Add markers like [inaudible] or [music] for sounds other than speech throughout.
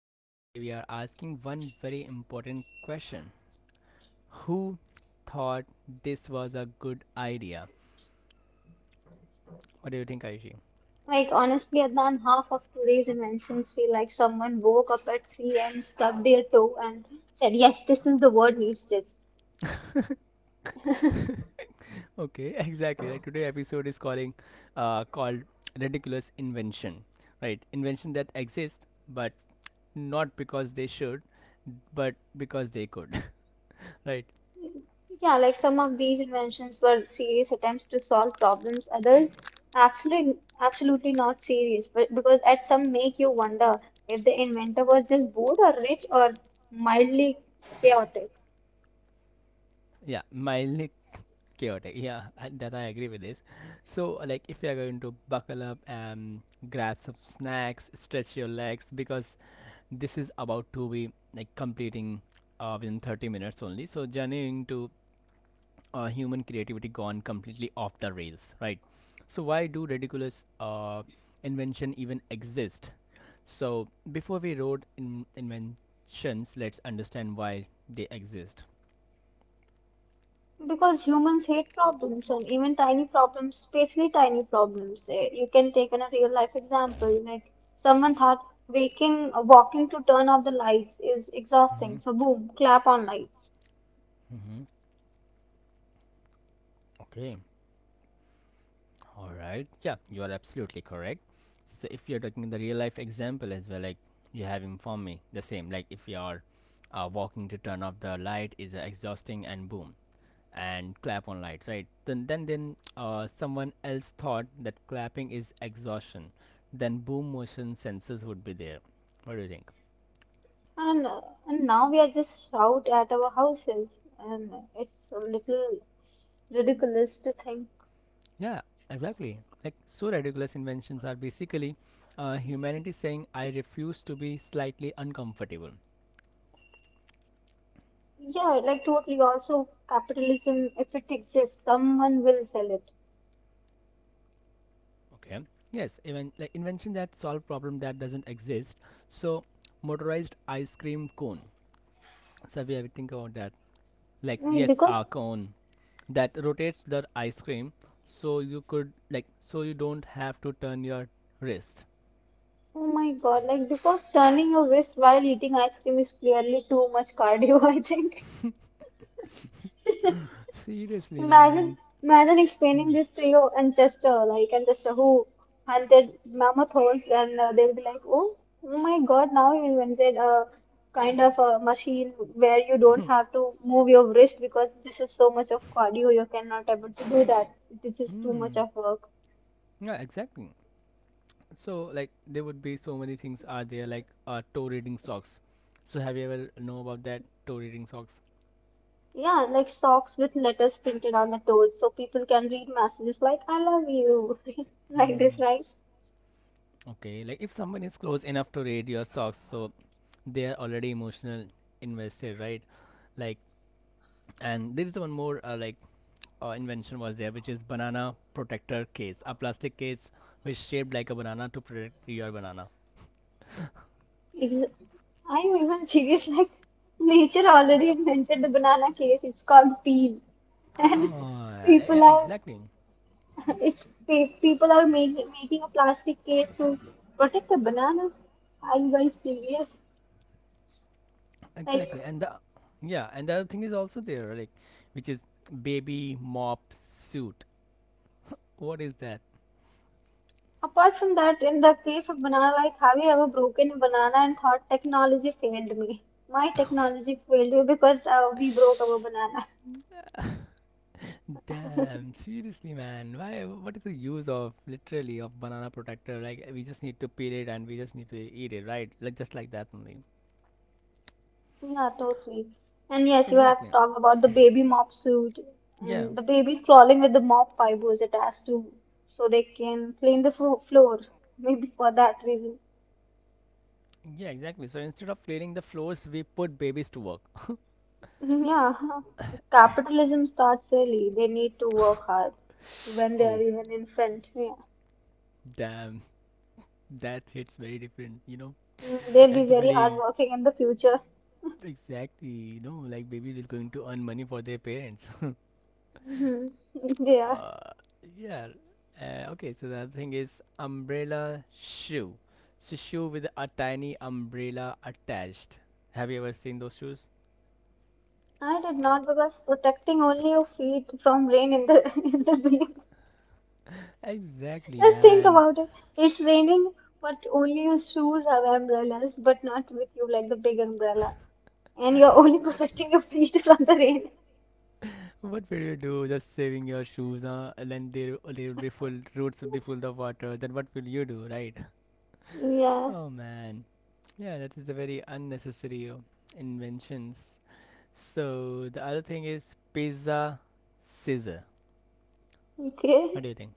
and today we are asking one very important question. Who thought this was a good idea? What do you think, Ayushi? Like honestly, Adnan, half of today's inventions feel like someone woke up at 3 and stubbed their toe and said, "Yes, this is the word needs this." [laughs] Okay, [laughs] exactly. Like today episode is calling called ridiculous invention. Right? Invention that exist, but not because they should, but because they could. [laughs] right? Yeah, like some of these inventions were serious attempts to solve problems. Others, absolutely, absolutely not serious, but because at some make you wonder if the inventor was just bored or rich or mildly chaotic. Yeah, mildly chaotic. Yeah, that I agree with this. So like if you are going to buckle up and grab some snacks, stretch your legs because this is about to be like completing within 30 minutes only. So journeying to human creativity gone completely off the rails, right? So why do ridiculous invention even exist? So before we wrote inventions, let's understand why they exist. Because humans hate problems and even tiny problems, especially tiny problems. You can take in a real life example, like someone thought walking to turn off the lights is Mm-hmm. exhausting. So boom, clap on lights. Mm-hmm. Okay. All right. Yeah, you are absolutely correct. So if you're talking the real life example as well, like you have informed me the same. Like if you are walking to turn off the light is exhausting and boom, and clap on lights, right? Then someone else thought that clapping is exhaustion, then boom, motion sensors would be there. What do you think? And uh, and now we are just shout at our houses, and it's a little ridiculous to think. Yeah, exactly. Like so ridiculous inventions are basically humanity saying I refuse to be slightly uncomfortable. Yeah, like totally. Also, capitalism, if it exists, someone will sell it. Okay, yes, even like invention that solve problem that doesn't exist. So motorized ice cream cone. So we have you ever think about that? Like Right. yes, Because our cone that rotates the ice cream, so you could like so you don't have to turn your wrist. oh my God, like because turning your wrist while eating ice cream is clearly too much cardio, [laughs] I think. Seriously, Imagine man. imagine Hmm. explaining this to your ancestor, like ancestor who hunted mammoth holes and they'll be like, oh, oh my God, now you invented a kind of a machine where you don't have to move your wrist because this is so much of cardio, you cannot able to do that. This is too much Hmm. of work. Yeah, exactly. So like there would be so many things are there, like toe reading socks. So have you ever know about that toe reading socks? Yeah, like socks with letters printed on the toes so people can read messages like I love you. [laughs] Like this, Hmm. right? Okay. Like if someone is close enough to read your socks, so they are already emotional invested, right? Like, and there is one more invention was there, which is banana protector case, a plastic case which shaped like a banana to protect your banana. It's, I'm even [laughs] serious, like nature already invented the banana case. It's called peel. And Oh, yeah, people yeah, are exactly, [laughs] it's people are making a plastic case to protect the banana. Are you guys serious? Like exactly. And the yeah, and the other thing is also there, like which is baby mop suit. What is that? apart from that, in the case of banana, like have you ever broken a banana and thought technology failed me? My technology failed me because we broke our [sighs] banana. [laughs] Damn, seriously, man. Why? What is the use of literally of banana protector? Like we just need to peel it and we just need to eat it, right? Like just like that only. Yeah, totally. And yes, you have Exactly. talked about the baby mop suit Yeah. and the babies crawling with the mop fibers attached to so they can clean the floor. Maybe for that reason. Yeah, exactly. So instead of cleaning the floors, we put babies to work. [laughs] Yeah, capitalism starts early. They need to work hard [sighs] when they are Oh, even infant. Yeah. damn. That hits very different, you know. Mm, [laughs] they'll At be the very very hardworking in the future. exactly, you know, like babies will going to earn money for their parents. Hmm. [laughs] [laughs] Yeah, uh, yeah. Okay, so the other thing is umbrella shoe. So shoe with a tiny umbrella attached. Have you ever seen those shoes? I did not because protecting only your feet from rain in the [laughs] in the rain. Exactly, Just think man. about it. It's raining, but only your shoes have umbrellas, but not with you like the big umbrella, and you're only [laughs] protecting your feet from the rain. What will you do? Just saving your shoes, huh? And then they will be full. Roots will be full of water. Then what will you do, right? [laughs] Yeah. Oh man, yeah, that is a very unnecessary inventions. So the other thing is pizza scissor. What Okay. do you think?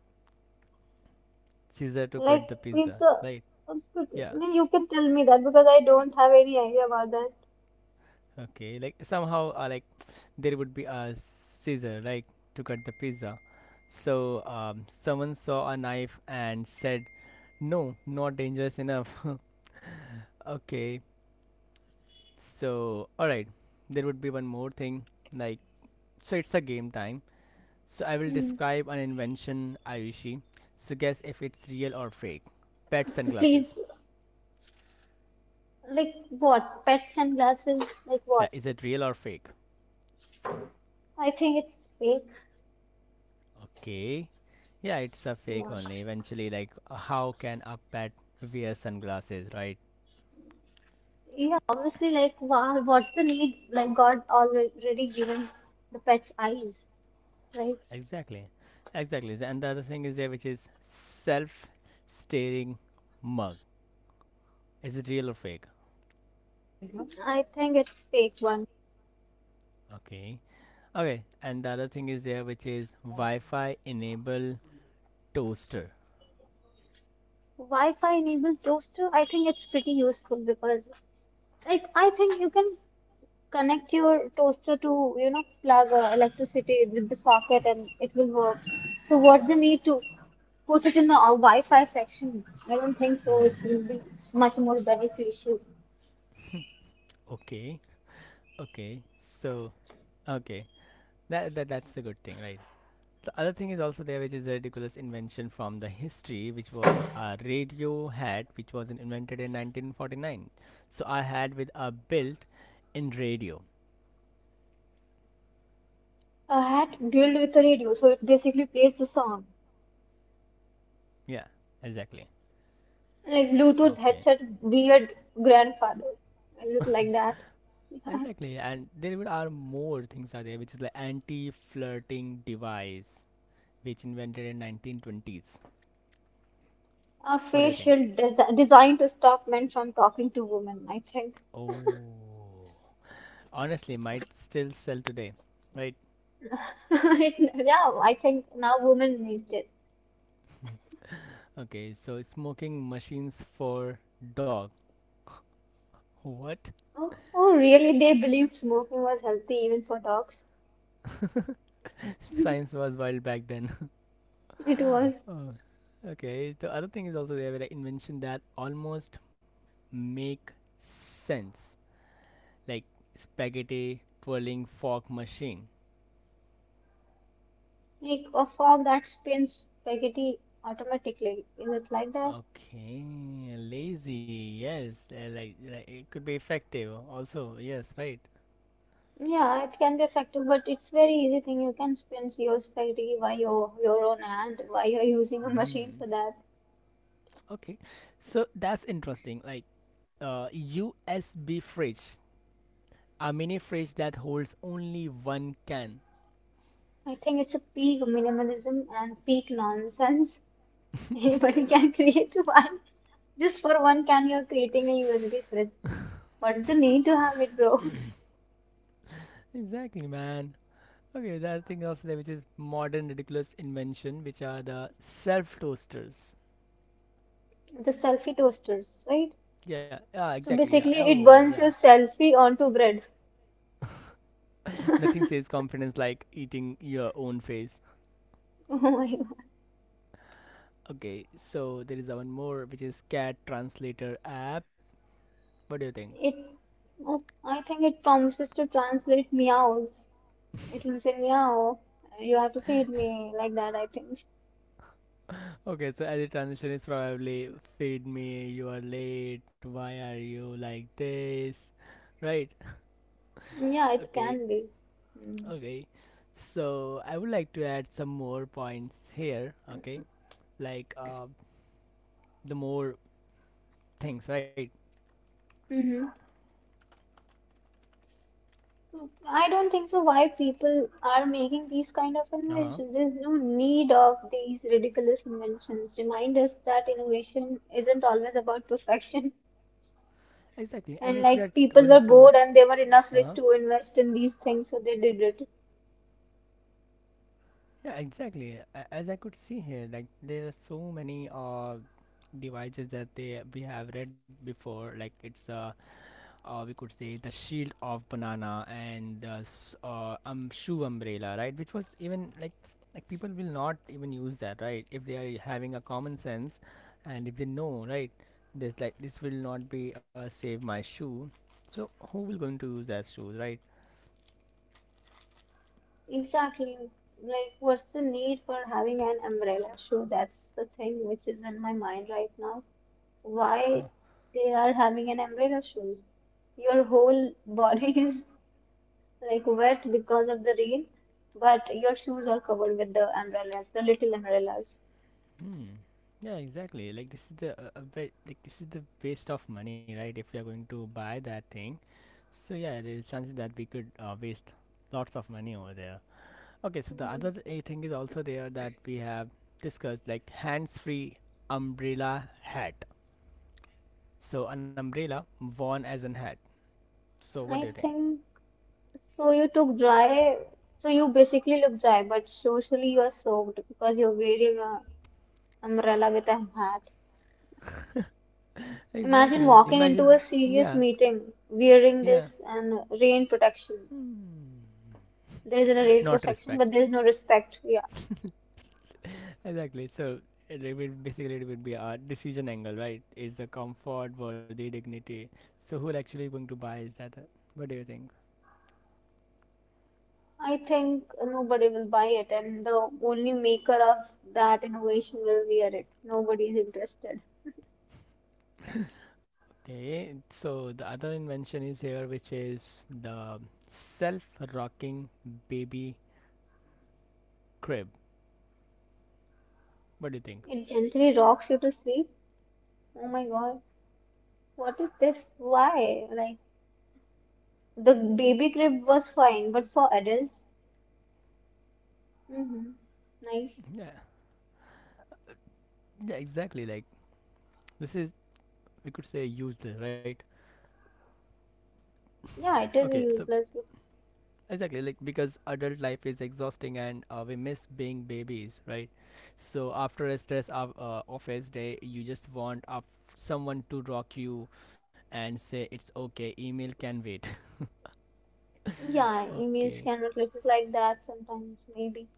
Scissor to Like cut the it's pizza, a. right? I Yeah. mean, you can tell me that because I don't have any idea about that. Okay, like somehow, like [tsk] there would be a scissor, like to cut the pizza. So someone saw a knife and said, "No, not dangerous enough." [laughs] Okay, so all right, there would be one more thing, like so it's a game time. So I will Mm. describe an invention, Ayushi. So guess if it's real or fake. Pet sunglasses. Please, like what? Pet sunglasses, like Yeah, what? is it real or fake? I think it's fake. Okay. Yeah, it's a fake Yeah. only. Eventually, like, how can a pet wear sunglasses, right? Yeah, obviously, like, what's the need? Like, God already given the pet's eyes, right? Exactly. Exactly. And the other thing is there, which is self staring mug. Is it real or fake? I think it's fake one. Okay. Okay. And the other thing is there, which is Wi Fi enable toaster. Wi-Fi enabled toaster, I think it's pretty useful because, like, I think you can connect your toaster to, you know, plug electricity with the socket and it will work. So, what the need to put it in the Wi-Fi section? I don't think so. Hmm. It will be much more beneficial. [laughs] okay. Okay. So, okay. That's a good thing, right? The other thing is also there, which is a ridiculous invention from the history, which was a radio hat, which was invented in 1949. So I had with a built in radio. A hat built with a radio, so it basically plays the song. Yeah, exactly. Like Bluetooth Okay. headset, weird grandfather. Is it like that? [laughs] Yeah. Exactly. And there even are more things are there, which is the anti-flirting device, which invented in 1920s. A What do you think? facial designed to stop men from talking to women, I think. Oh. Honestly, might still sell today. Right. [laughs] It- yeah, I think now women need it. Okay. So smoking machines for dog. What? Oh, oh, really? They believed smoking was healthy even for dogs. Science was wild back then. It was [laughs] oh, okay. The other thing is also there with the invention that almost make sense, like spaghetti twirling fork machine. like a fog that spins spaghetti automatically. Is it like that? Okay, lazy. Yes, like it could be effective. Also, yes, right. Yeah, it can be effective, but it's very easy thing. You can spin COS30 by your own hand. Why you're using a machine for Hmm. that? Okay, so that's interesting. Like, USB fridge, a mini fridge that holds only one can. I think it's a peak minimalism and peak nonsense. [laughs] Anybody can create one. Just for one can, you're creating a USB fridge. What's the need to have it, bro? [coughs] exactly, man. Okay, the other thing also there, which is modern ridiculous invention, which are the self toasters. The selfie toasters, right? Yeah, yeah, So exactly. Yeah. basically, it Oh, yeah. burns your selfie onto bread. [laughs] Nothing says confidence like eating your own face. [laughs] Oh my God. Okay, so there is one more, which is cat translator app. What do you think? It, oh, I think it promises to translate meows. It will say, meow, you have to feed me, like that, I think. [laughs] okay, so as a transition, is probably feed me. You are late. Why are you like this? Right. Yeah, it Okay. can be. Okay. So I would like to add some more points here. Okay. Like the more things, right? Mm-hmm. I don't think so why people are making these kind of Uh-huh. inventions. There's no need of these ridiculous inventions. Remind us that innovation isn't always about perfection. Exactly. And if And we are like people going were to, bored and they were enough uh, rich huh. to invest in these things, so they did it. yeah, exactly. As I could see here, like there are so many devices that they we have read before. Like it's we could say the shield of banana and the shoe umbrella, right, which was even like people will not even use that, right, if they are having a common sense, and if they know, right, this like this will not be a save my shoe. So who will going to use that shoes, right? Exactly. Like, what's the need for having an umbrella? Sure, that's the thing which is in my mind right now. Why Huh. they are having an umbrella shoes. Your whole body [laughs] is like wet because of the rain, but your shoes are covered with the umbrellas, the little umbrellas. Hmm. Yeah exactly, like this is the a bit like this is the waste of money, right, if you are going to buy that thing. So yeah, there is chances that we could waste lots of money over there. Okay, so the other Mm, thing is also there that we have discussed, like hands free umbrella hat. So, an umbrella worn as an hat. So, what do you I think? think so. You took dry, so you basically look dry, but socially you are soaked because you're wearing a umbrella with a hat. Imagine Exactly. walking Imagine. into a Yeah. serious meeting wearing Yeah. this and rain protection. Hmm. There is a rain Not protection, respect. but there is no respect. Yeah. Exactly. So, it will basically it would be a decision angle, right? Is the comfort worthy dignity? So, who actually going to buy? Is that? What do you think? I think nobody will buy it, and the only maker of that innovation will wear it. Nobody is interested. Okay, so the other invention is here, which is the self rocking baby crib. What do you think? It gently rocks you to sleep. Oh my God, what is this? Why? Like, the baby crib was fine, but for adults, mm-hmm, nice. Yeah, yeah, exactly. Like, this is, we could say, useless, right? Yeah, [laughs] it okay, is a so useless book. exactly, like, because adult life is exhausting and we miss being babies, right? So, after a stress of, office day, you just want of someone to rock you and say it's okay, email can wait. [laughs] Yeah, emails Okay, can look like that sometimes, maybe.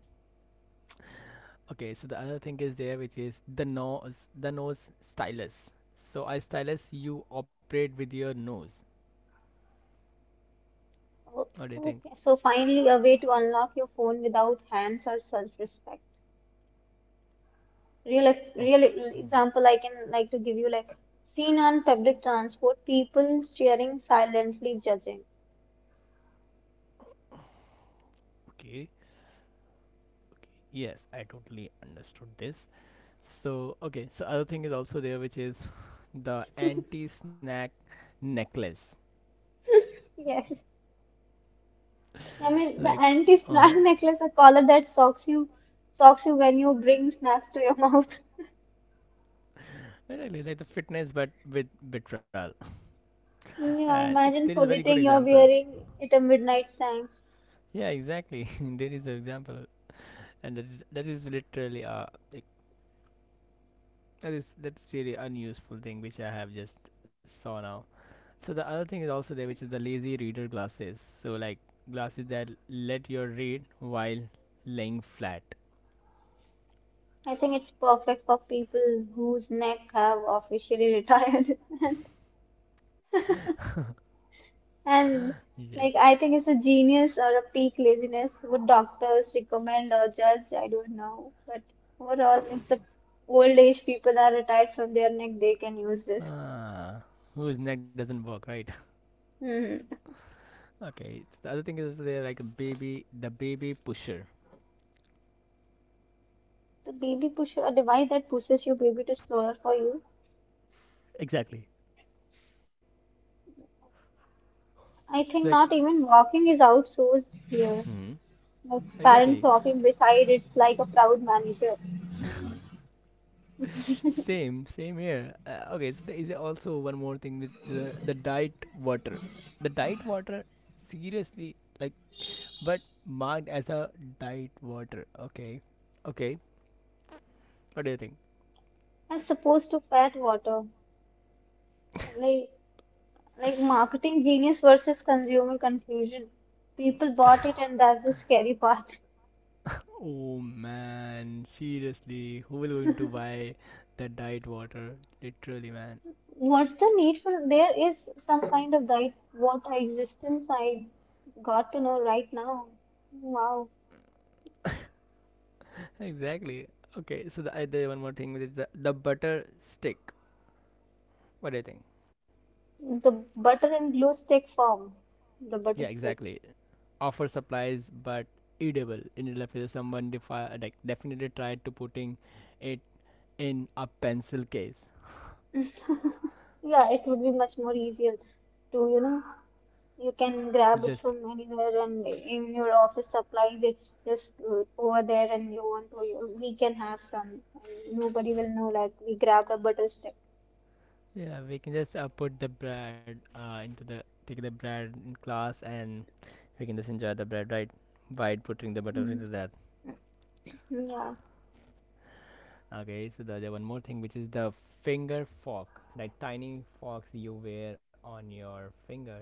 okay, so the other thing is there, which is the nose stylus. So I stylus, you operate with your nose. O- What do you think? Okay, so finally, a way to unlock your phone without hands or self-respect. Real Okay, example I can like to give you like seen on public transport, people staring silently judging. okay, okay. Yes, I totally understood this. So okay, so other thing is also there, which is [laughs] the anti-snack necklace. Yes, I mean the Like, uh anti-snack huh, necklace, a collar that socks you when you bring snacks to your [laughs] mouth. exactly like the fitness, but with vitral. [laughs] And Yeah, if there is imagine a very good forgetting you're example, wearing it at midnight snacks. yeah, exactly, [laughs] there is an example, and that is literally a That is that's really unuseful thing which I have just saw now. So the other thing is also there, which is the lazy reader glasses. So like glasses that let you read while laying flat. I think it's perfect for people whose neck have officially retired. [laughs] And Yes. like I think it's a genius or a peak laziness. Would doctors recommend or judge? I don't know. But overall, it's a old age people are retired from their neck, they can use this. Ah, whose neck doesn't work, right? Hmm. [laughs] okay. So the other thing is there like a baby, the baby pusher. The baby pusher, a device that pushes your baby to stroller for you. Exactly. I Like. think not even walking is outsourced here. Hmm. Like parents Exactly. walking beside, it's like a proud manager. [laughs] same. Same here. Okay. So there is also one more thing, which is the diet water. The diet water. Seriously, like but marked as a diet water. Okay, okay. What do you think? As opposed to fat water. Like. Like [laughs] marketing genius versus consumer confusion. People bought it, and that's the scary part. Oh man, seriously, who will going to buy that diet water? Literally, man. What's the need for? There is some kind of guide. What existence I got to know right now. Wow, Exactly. Okay, so the, there one more thing which is the butter stick. What do you think? the butter and glue stick form, the Yeah, butter stick. exactly. Offer supplies, but edible. In real life, if someone definitely tried to putting it in a pencil case. Yeah, it would be much more easier to you know you can grab it Just from anywhere and in your office supplies, it's just over there and you want to, we can have some and nobody will know like we grabbed a butter stick. Yeah, we can just put the bread into the take the bread in class, and we can just enjoy the bread right by putting the butter Mm. into that. Yeah. Okay, so the other one more thing which is the finger fork, like tiny forks you wear on your fingers.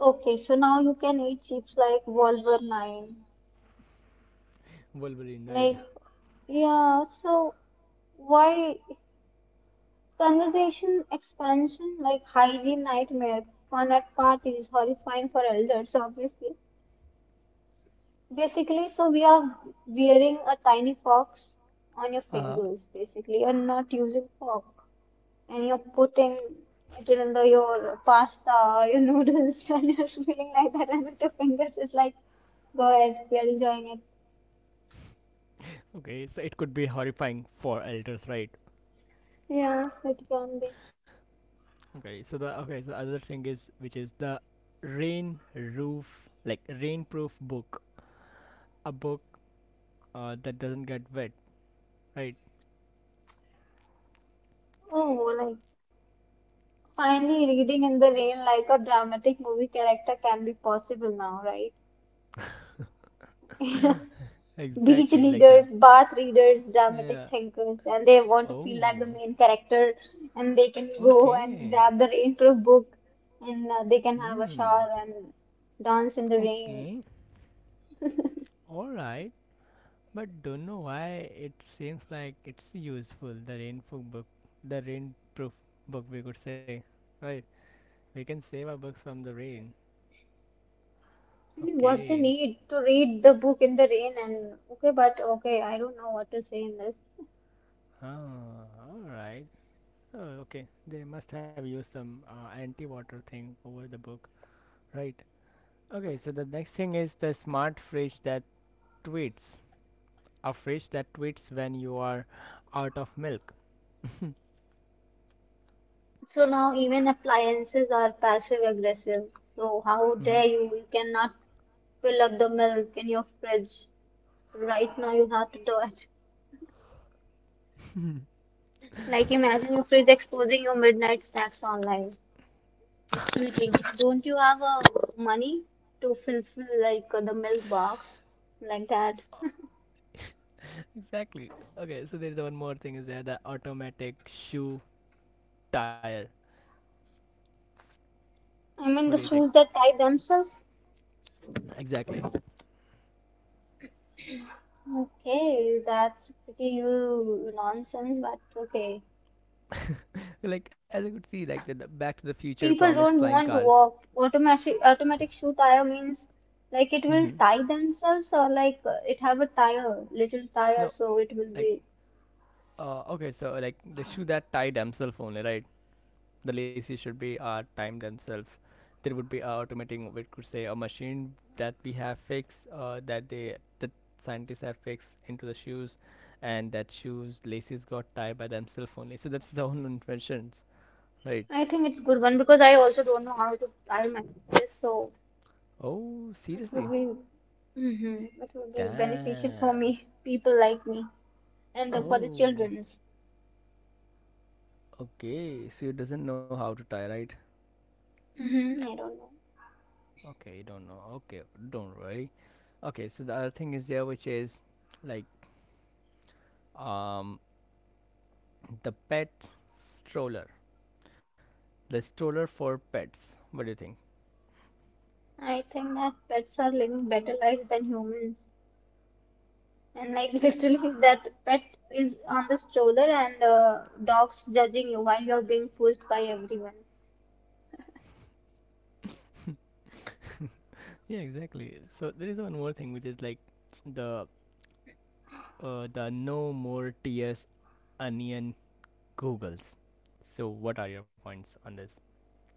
Okay, so now you can eat chips like Wolverine. Wolverine, right? Like, [laughs] yeah, so why conversation expansion like hygiene nightmare, fun at parties, horrifying for elders, obviously. Basically, so we are wearing a tiny fox on your Uh, fingers, basically. You're not using fork and you're putting it in the, your pasta or your noodles [laughs] and you're feeling like that and with your fingers it's like, go ahead, we are enjoying okay, so it could be horrifying for elders, right? it. Yeah. It can be, Okay, so other thing is which is the rain roof like rainproof book, a book that doesn't get wet, right? oh, like finally reading in the rain like a dramatic movie character can be possible now, right? Beach Exactly, like leaders, that. bath readers, dramatic Yeah. thinkers, and they want to feel like the Oh, main character, and they can go okay. and grab the rainproof book, and they can have a Hmm. shower and dance in the rain. Okay. All right. But don't know why it seems like it's useful, the rainproof book. The rainproof book, we could say. Right. We can save our books from the rain. I mean, what's the Okay. need to read the book in the rain? And okay, but okay, I don't know what to say in this. Ah, all right. Oh, okay. They must have used some anti water thing over the book. Right. Okay, so the next thing is the smart fridge that tweets. A fish that tweets when you are out of milk. [laughs] So now even appliances are passive aggressive. So how Mm-hmm. dare you? You cannot fill up the milk in your fridge. Right now you have to do it. Like imagine your fridge exposing your midnight snacks online. It's fleeting. Don't you have money to fulfill like the milk box like that? [laughs] Exactly. Okay, so there's one more thing is there, the automatic shoe tire. I What do mean you the think? shoes that tie themselves. Exactly. Okay, that's pretty nonsense, but okay. Like as I could see, like the Back to the Future People promised don't flying want to cars. walk. Automatic shoe tire means like it will Mm-hmm. tie themselves or like it have a tire, little tire, No, so it will like, be. Okay, so like the shoe that tied himself only, right? The lazy should be time themselves. There would be automating, we could say, a machine that we have fixed, that scientists have fixed into the shoes, and that shoes laces got tied by themselves only. So that's the [laughs] own inventions, right? I think it's good one because I also don't know how to tie my shoes, so. Oh, It would seriously. be, hmm it would be beneficial for Damn. me, people like me, and for the Oh, childrens. okay, so you doesn't know how to tie, right? Hmm, I don't know. Okay, you don't know. Okay, don't worry. Okay, so the other thing is there, which is like, um the pet stroller, the stroller for pets. What do you think? I think that pets are living better lives than humans. And like [laughs] literally, that pet is on the stroller and dogs judging you while you're being pushed by everyone. Yeah, exactly. So there is one more thing, which is like the, the no more tears onion googles. So what are your points on this?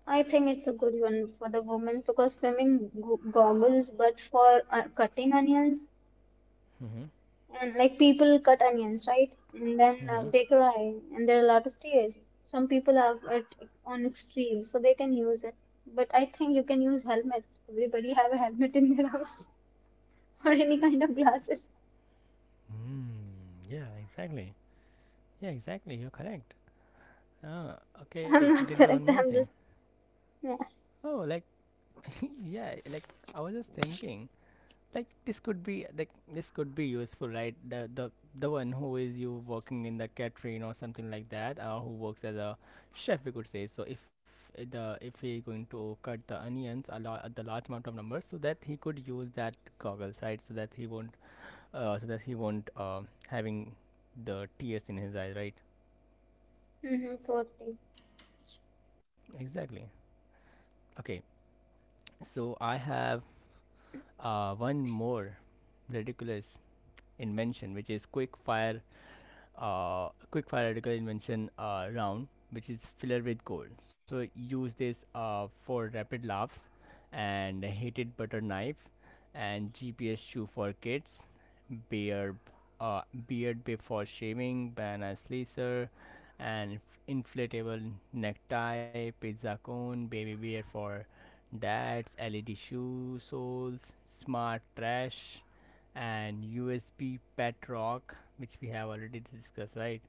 I think it's a good one for the woman because swimming goggles, but for cutting onions, Mm-hmm. and like people cut onions, right? And then Mm-hmm. they cry, and there are a lot of tears. Some people have it on extreme, so they can use it. But I think you can use helmet. Everybody have a helmet in their house [laughs] or any kind of glasses. Mm, yeah, exactly. Yeah, exactly. You're correct. Ah, okay. So I'm there not is one more correct. thing. I'm just yeah. Oh, like, [laughs] yeah, like I was just thinking, like this could be like, this could be useful, right? The one who is you working in the catering or something like that, or who works as a chef, we could say. So if, the if he going to cut the onions a lot, the large amount of numbers, so that he could use that goggles, right? So that he won't, so that he won't, having the tears in his eyes, right? Hmm, totally. Exactly. Okay, so I have one more ridiculous invention, which is quick fire, quick fire radical invention round, which is filler with gold, so use this for rapid laughs, and heated butter knife, and gps shoe for kids, beard, uh, beard bay for shaving, banana slicer, and inflatable necktie, pizza cone, baby bear for dads, led shoe soles, smart trash, and USP Pet Rock, which we have already discussed, right?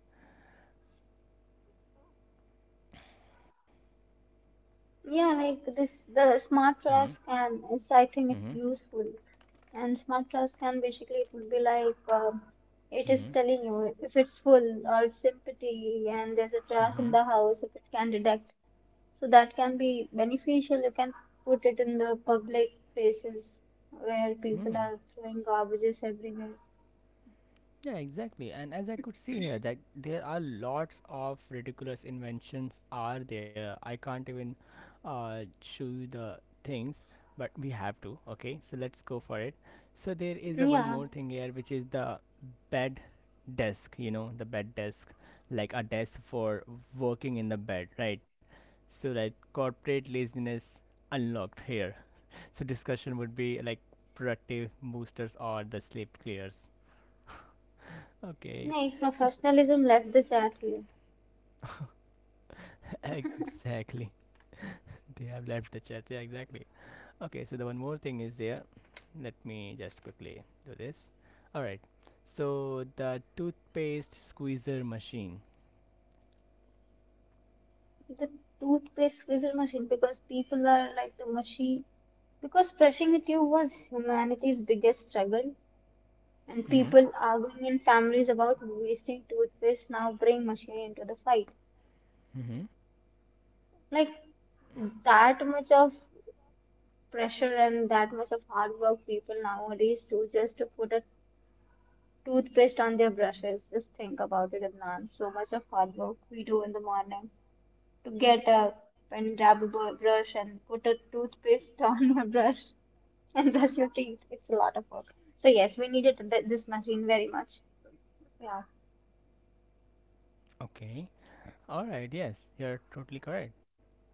Yeah, like this, the smart Mm-hmm. flask can, I think it's Mm-hmm. useful. And smart flask can basically, it will be like, it is Mm-hmm. telling you if it's full or it's empty and there's a trash in Mm-hmm. the house, if it can detect. So that can be beneficial. You can put it in the public places where people Hmm. are throwing garbages everywhere. Yeah, exactly. And as I could see here, that there are lots of ridiculous inventions are there. I can't even show you the things, but we have to. Okay, so let's go for it. So there is a one Yeah, more thing here, which is the bed desk. You know, the bed desk, like a desk for working in the bed, right? So like corporate laziness unlocked here. So discussion would be like productive boosters or the sleep clears. [laughs] Okay, like so professionalism left the chat here. [laughs] exactly, [laughs] they have left the chat. Yeah, exactly. Okay, so the one more thing is there. Let me just quickly do this. All right. So the toothpaste squeezer machine. The toothpaste whistle machine, because people are like the machine, because brushing with you was humanity's biggest struggle, and Mm-hmm. people arguing in families about wasting toothpaste now bring machine into the fight. Mm-hmm. Like that much of pressure and that much of hard work people nowadays do just to put a toothpaste on their brushes, just think about it. And so much of hard work we do in the morning to get up and grab a brush and put a toothpaste [laughs] on a brush and brush your teeth. It's a lot of work. So yes, we needed this machine very much. Yeah. Okay. All right. Yes, you're totally correct.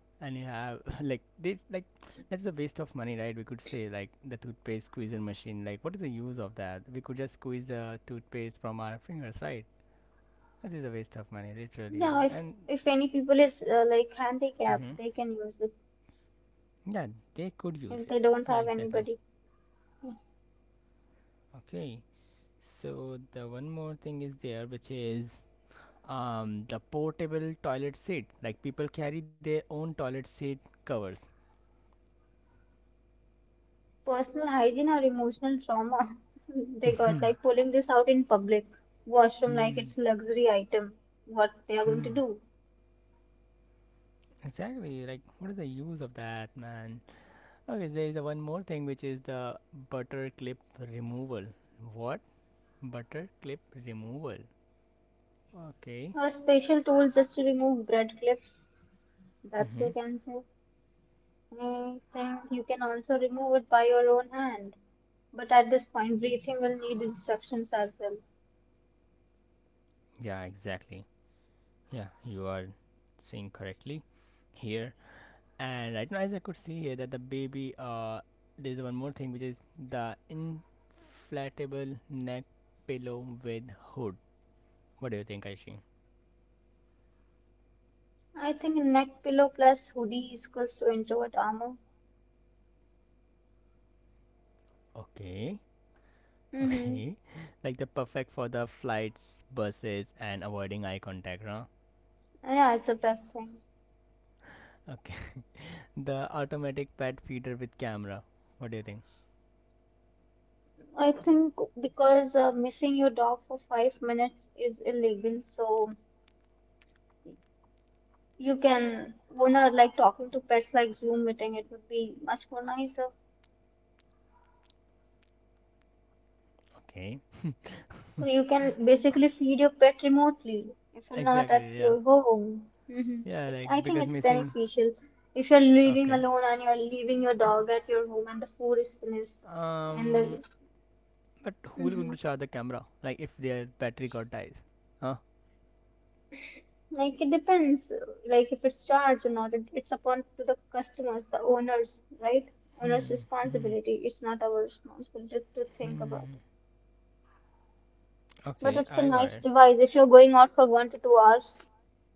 And you have [laughs] like this, like that's a waste of money, right? We could say like the toothpaste squeezer machine. Like, what is the use of that? We could just squeeze the toothpaste from our fingers, right? That is a waste of money, literally. Yeah. If And if any people is like mm-hmm. handicapped, they can use it. Yeah, they could use If it. they don't Yeah, have exactly. anybody, Okay, so the one more thing is there, which is, the portable toilet seat, like people carry their own toilet seat covers. personal hygiene or emotional trauma, [laughs] they got like [laughs] pulling this out in public washroom, like Hmm, it's a luxury item. What they are going to hmm. do? Exactly, like what is the use of that, man? Okay, there is the one more thing, which is the butter clip removal. What? Butter clip removal. Okay. A special tool just to remove bread clips. That's, Mm-hmm. you can say. I think you can also remove it by your own hand. But at this point, breathing will need instructions as well. Yeah, exactly. Yeah, you are saying correctly here. And right now, as I could see here, that the baby, there's one more thing which is the inflatable neck pillow with hood. What do you think, Aishi? I think neck pillow plus hoodie is equals to introvert armor. Okay, Mm-hmm. okay, [laughs] like the perfect for the flights, buses, and avoiding eye contact, huh? Yeah, it's a plus thing. Okay, [laughs] the automatic pet feeder with camera. What do you think? I think because missing your dog for 5 minutes is illegal, so you can, when are like talking to pets like Zoom meeting, it would be much more nicer. Okay, [laughs] So you can basically feed your pet remotely if you're not at exactly, yeah, your home. Hmm. yeah, It, like I think because it's missing. beneficial. If you're living Okay, alone and you're leaving your dog at your home and the food is finished and um, the, but who will going hmm, to charge the camera? Like if their battery got dies, huh? like it depends, like if it's charged or not, it, it's upon to the customers, the owners, right? Owner's Hmm, hmm, hmm. responsibility, it's not our responsibility to think about. Hmm. But Okay, it's a I got nice it. device if you're going out for 1 to 2 hours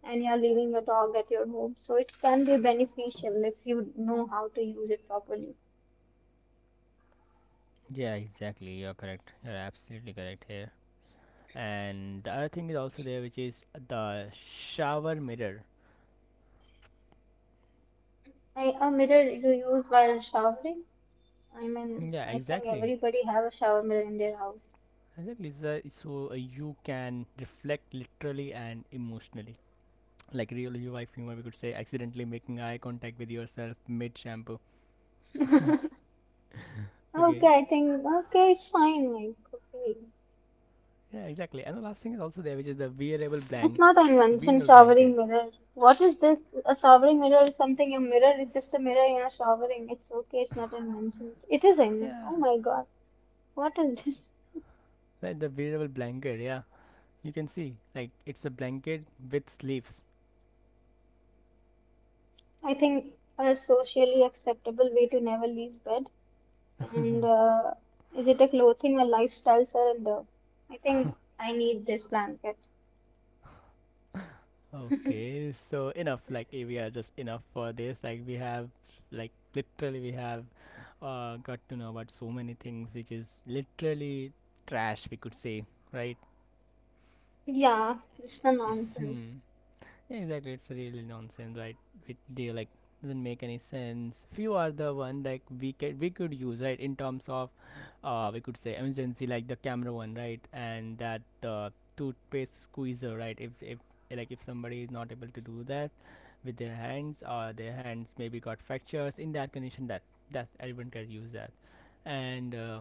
and you're leaving your dog at your home. So it can be beneficial if you know how to use it properly. Yeah, exactly. You're correct. You're absolutely correct here. And the other thing is also there, which is the shower mirror. I, a mirror you use while showering. I mean, Yeah, I think exactly. everybody have a shower mirror in their house. Exactly. So you can reflect literally and emotionally. Like real life humor, we could say, accidentally making eye contact with yourself mid shampoo. [laughs] [laughs] Okay. Okay, I think okay, it's fine. Like, okay, Yeah, exactly. And the last thing is also there, which is the wearable it's blank, not an invention. wearable blanket. Showering mirror. What is this? A showering mirror is something. A mirror is just a mirror. You're showering. It's okay. It's not an invention. It is an invention. Yeah, Oh my God, what is this? like the wearable blanket. Yeah. You can see, like it's a blanket with sleeves. I think a socially acceptable way to never leave bed. And is it a clothing or lifestyle surrender? I think I need this blanket. Okay, so enough. Like, we are just enough for this. Like, we have, like, literally, we have got to know about so many things, which is literally trash, we could say, right? Yeah, it's the [coughs] nonsense. Hmm. Yeah, exactly. It's really nonsense, right? It, they like doesn't make any sense. Few are the one like we could use, right, in terms of, we could say emergency, like the camera one, right? And that, toothpaste squeezer, right? If like if somebody is not able to do that with their hands, or their hands maybe got fractures, in that condition, that everyone can use that, and.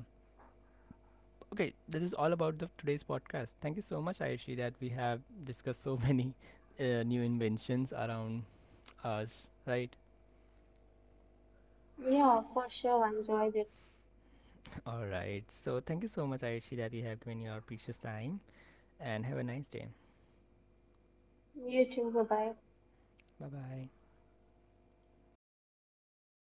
Okay, this is all about the today's podcast. Thank you so much, Ayushi, that we have discussed so [laughs] many new inventions around us, right? Yeah, for sure. I enjoyed it. [laughs] All right. So thank you so much, Ayushi, that you have given your precious time, and have a nice day. You too. Bye bye. Bye bye.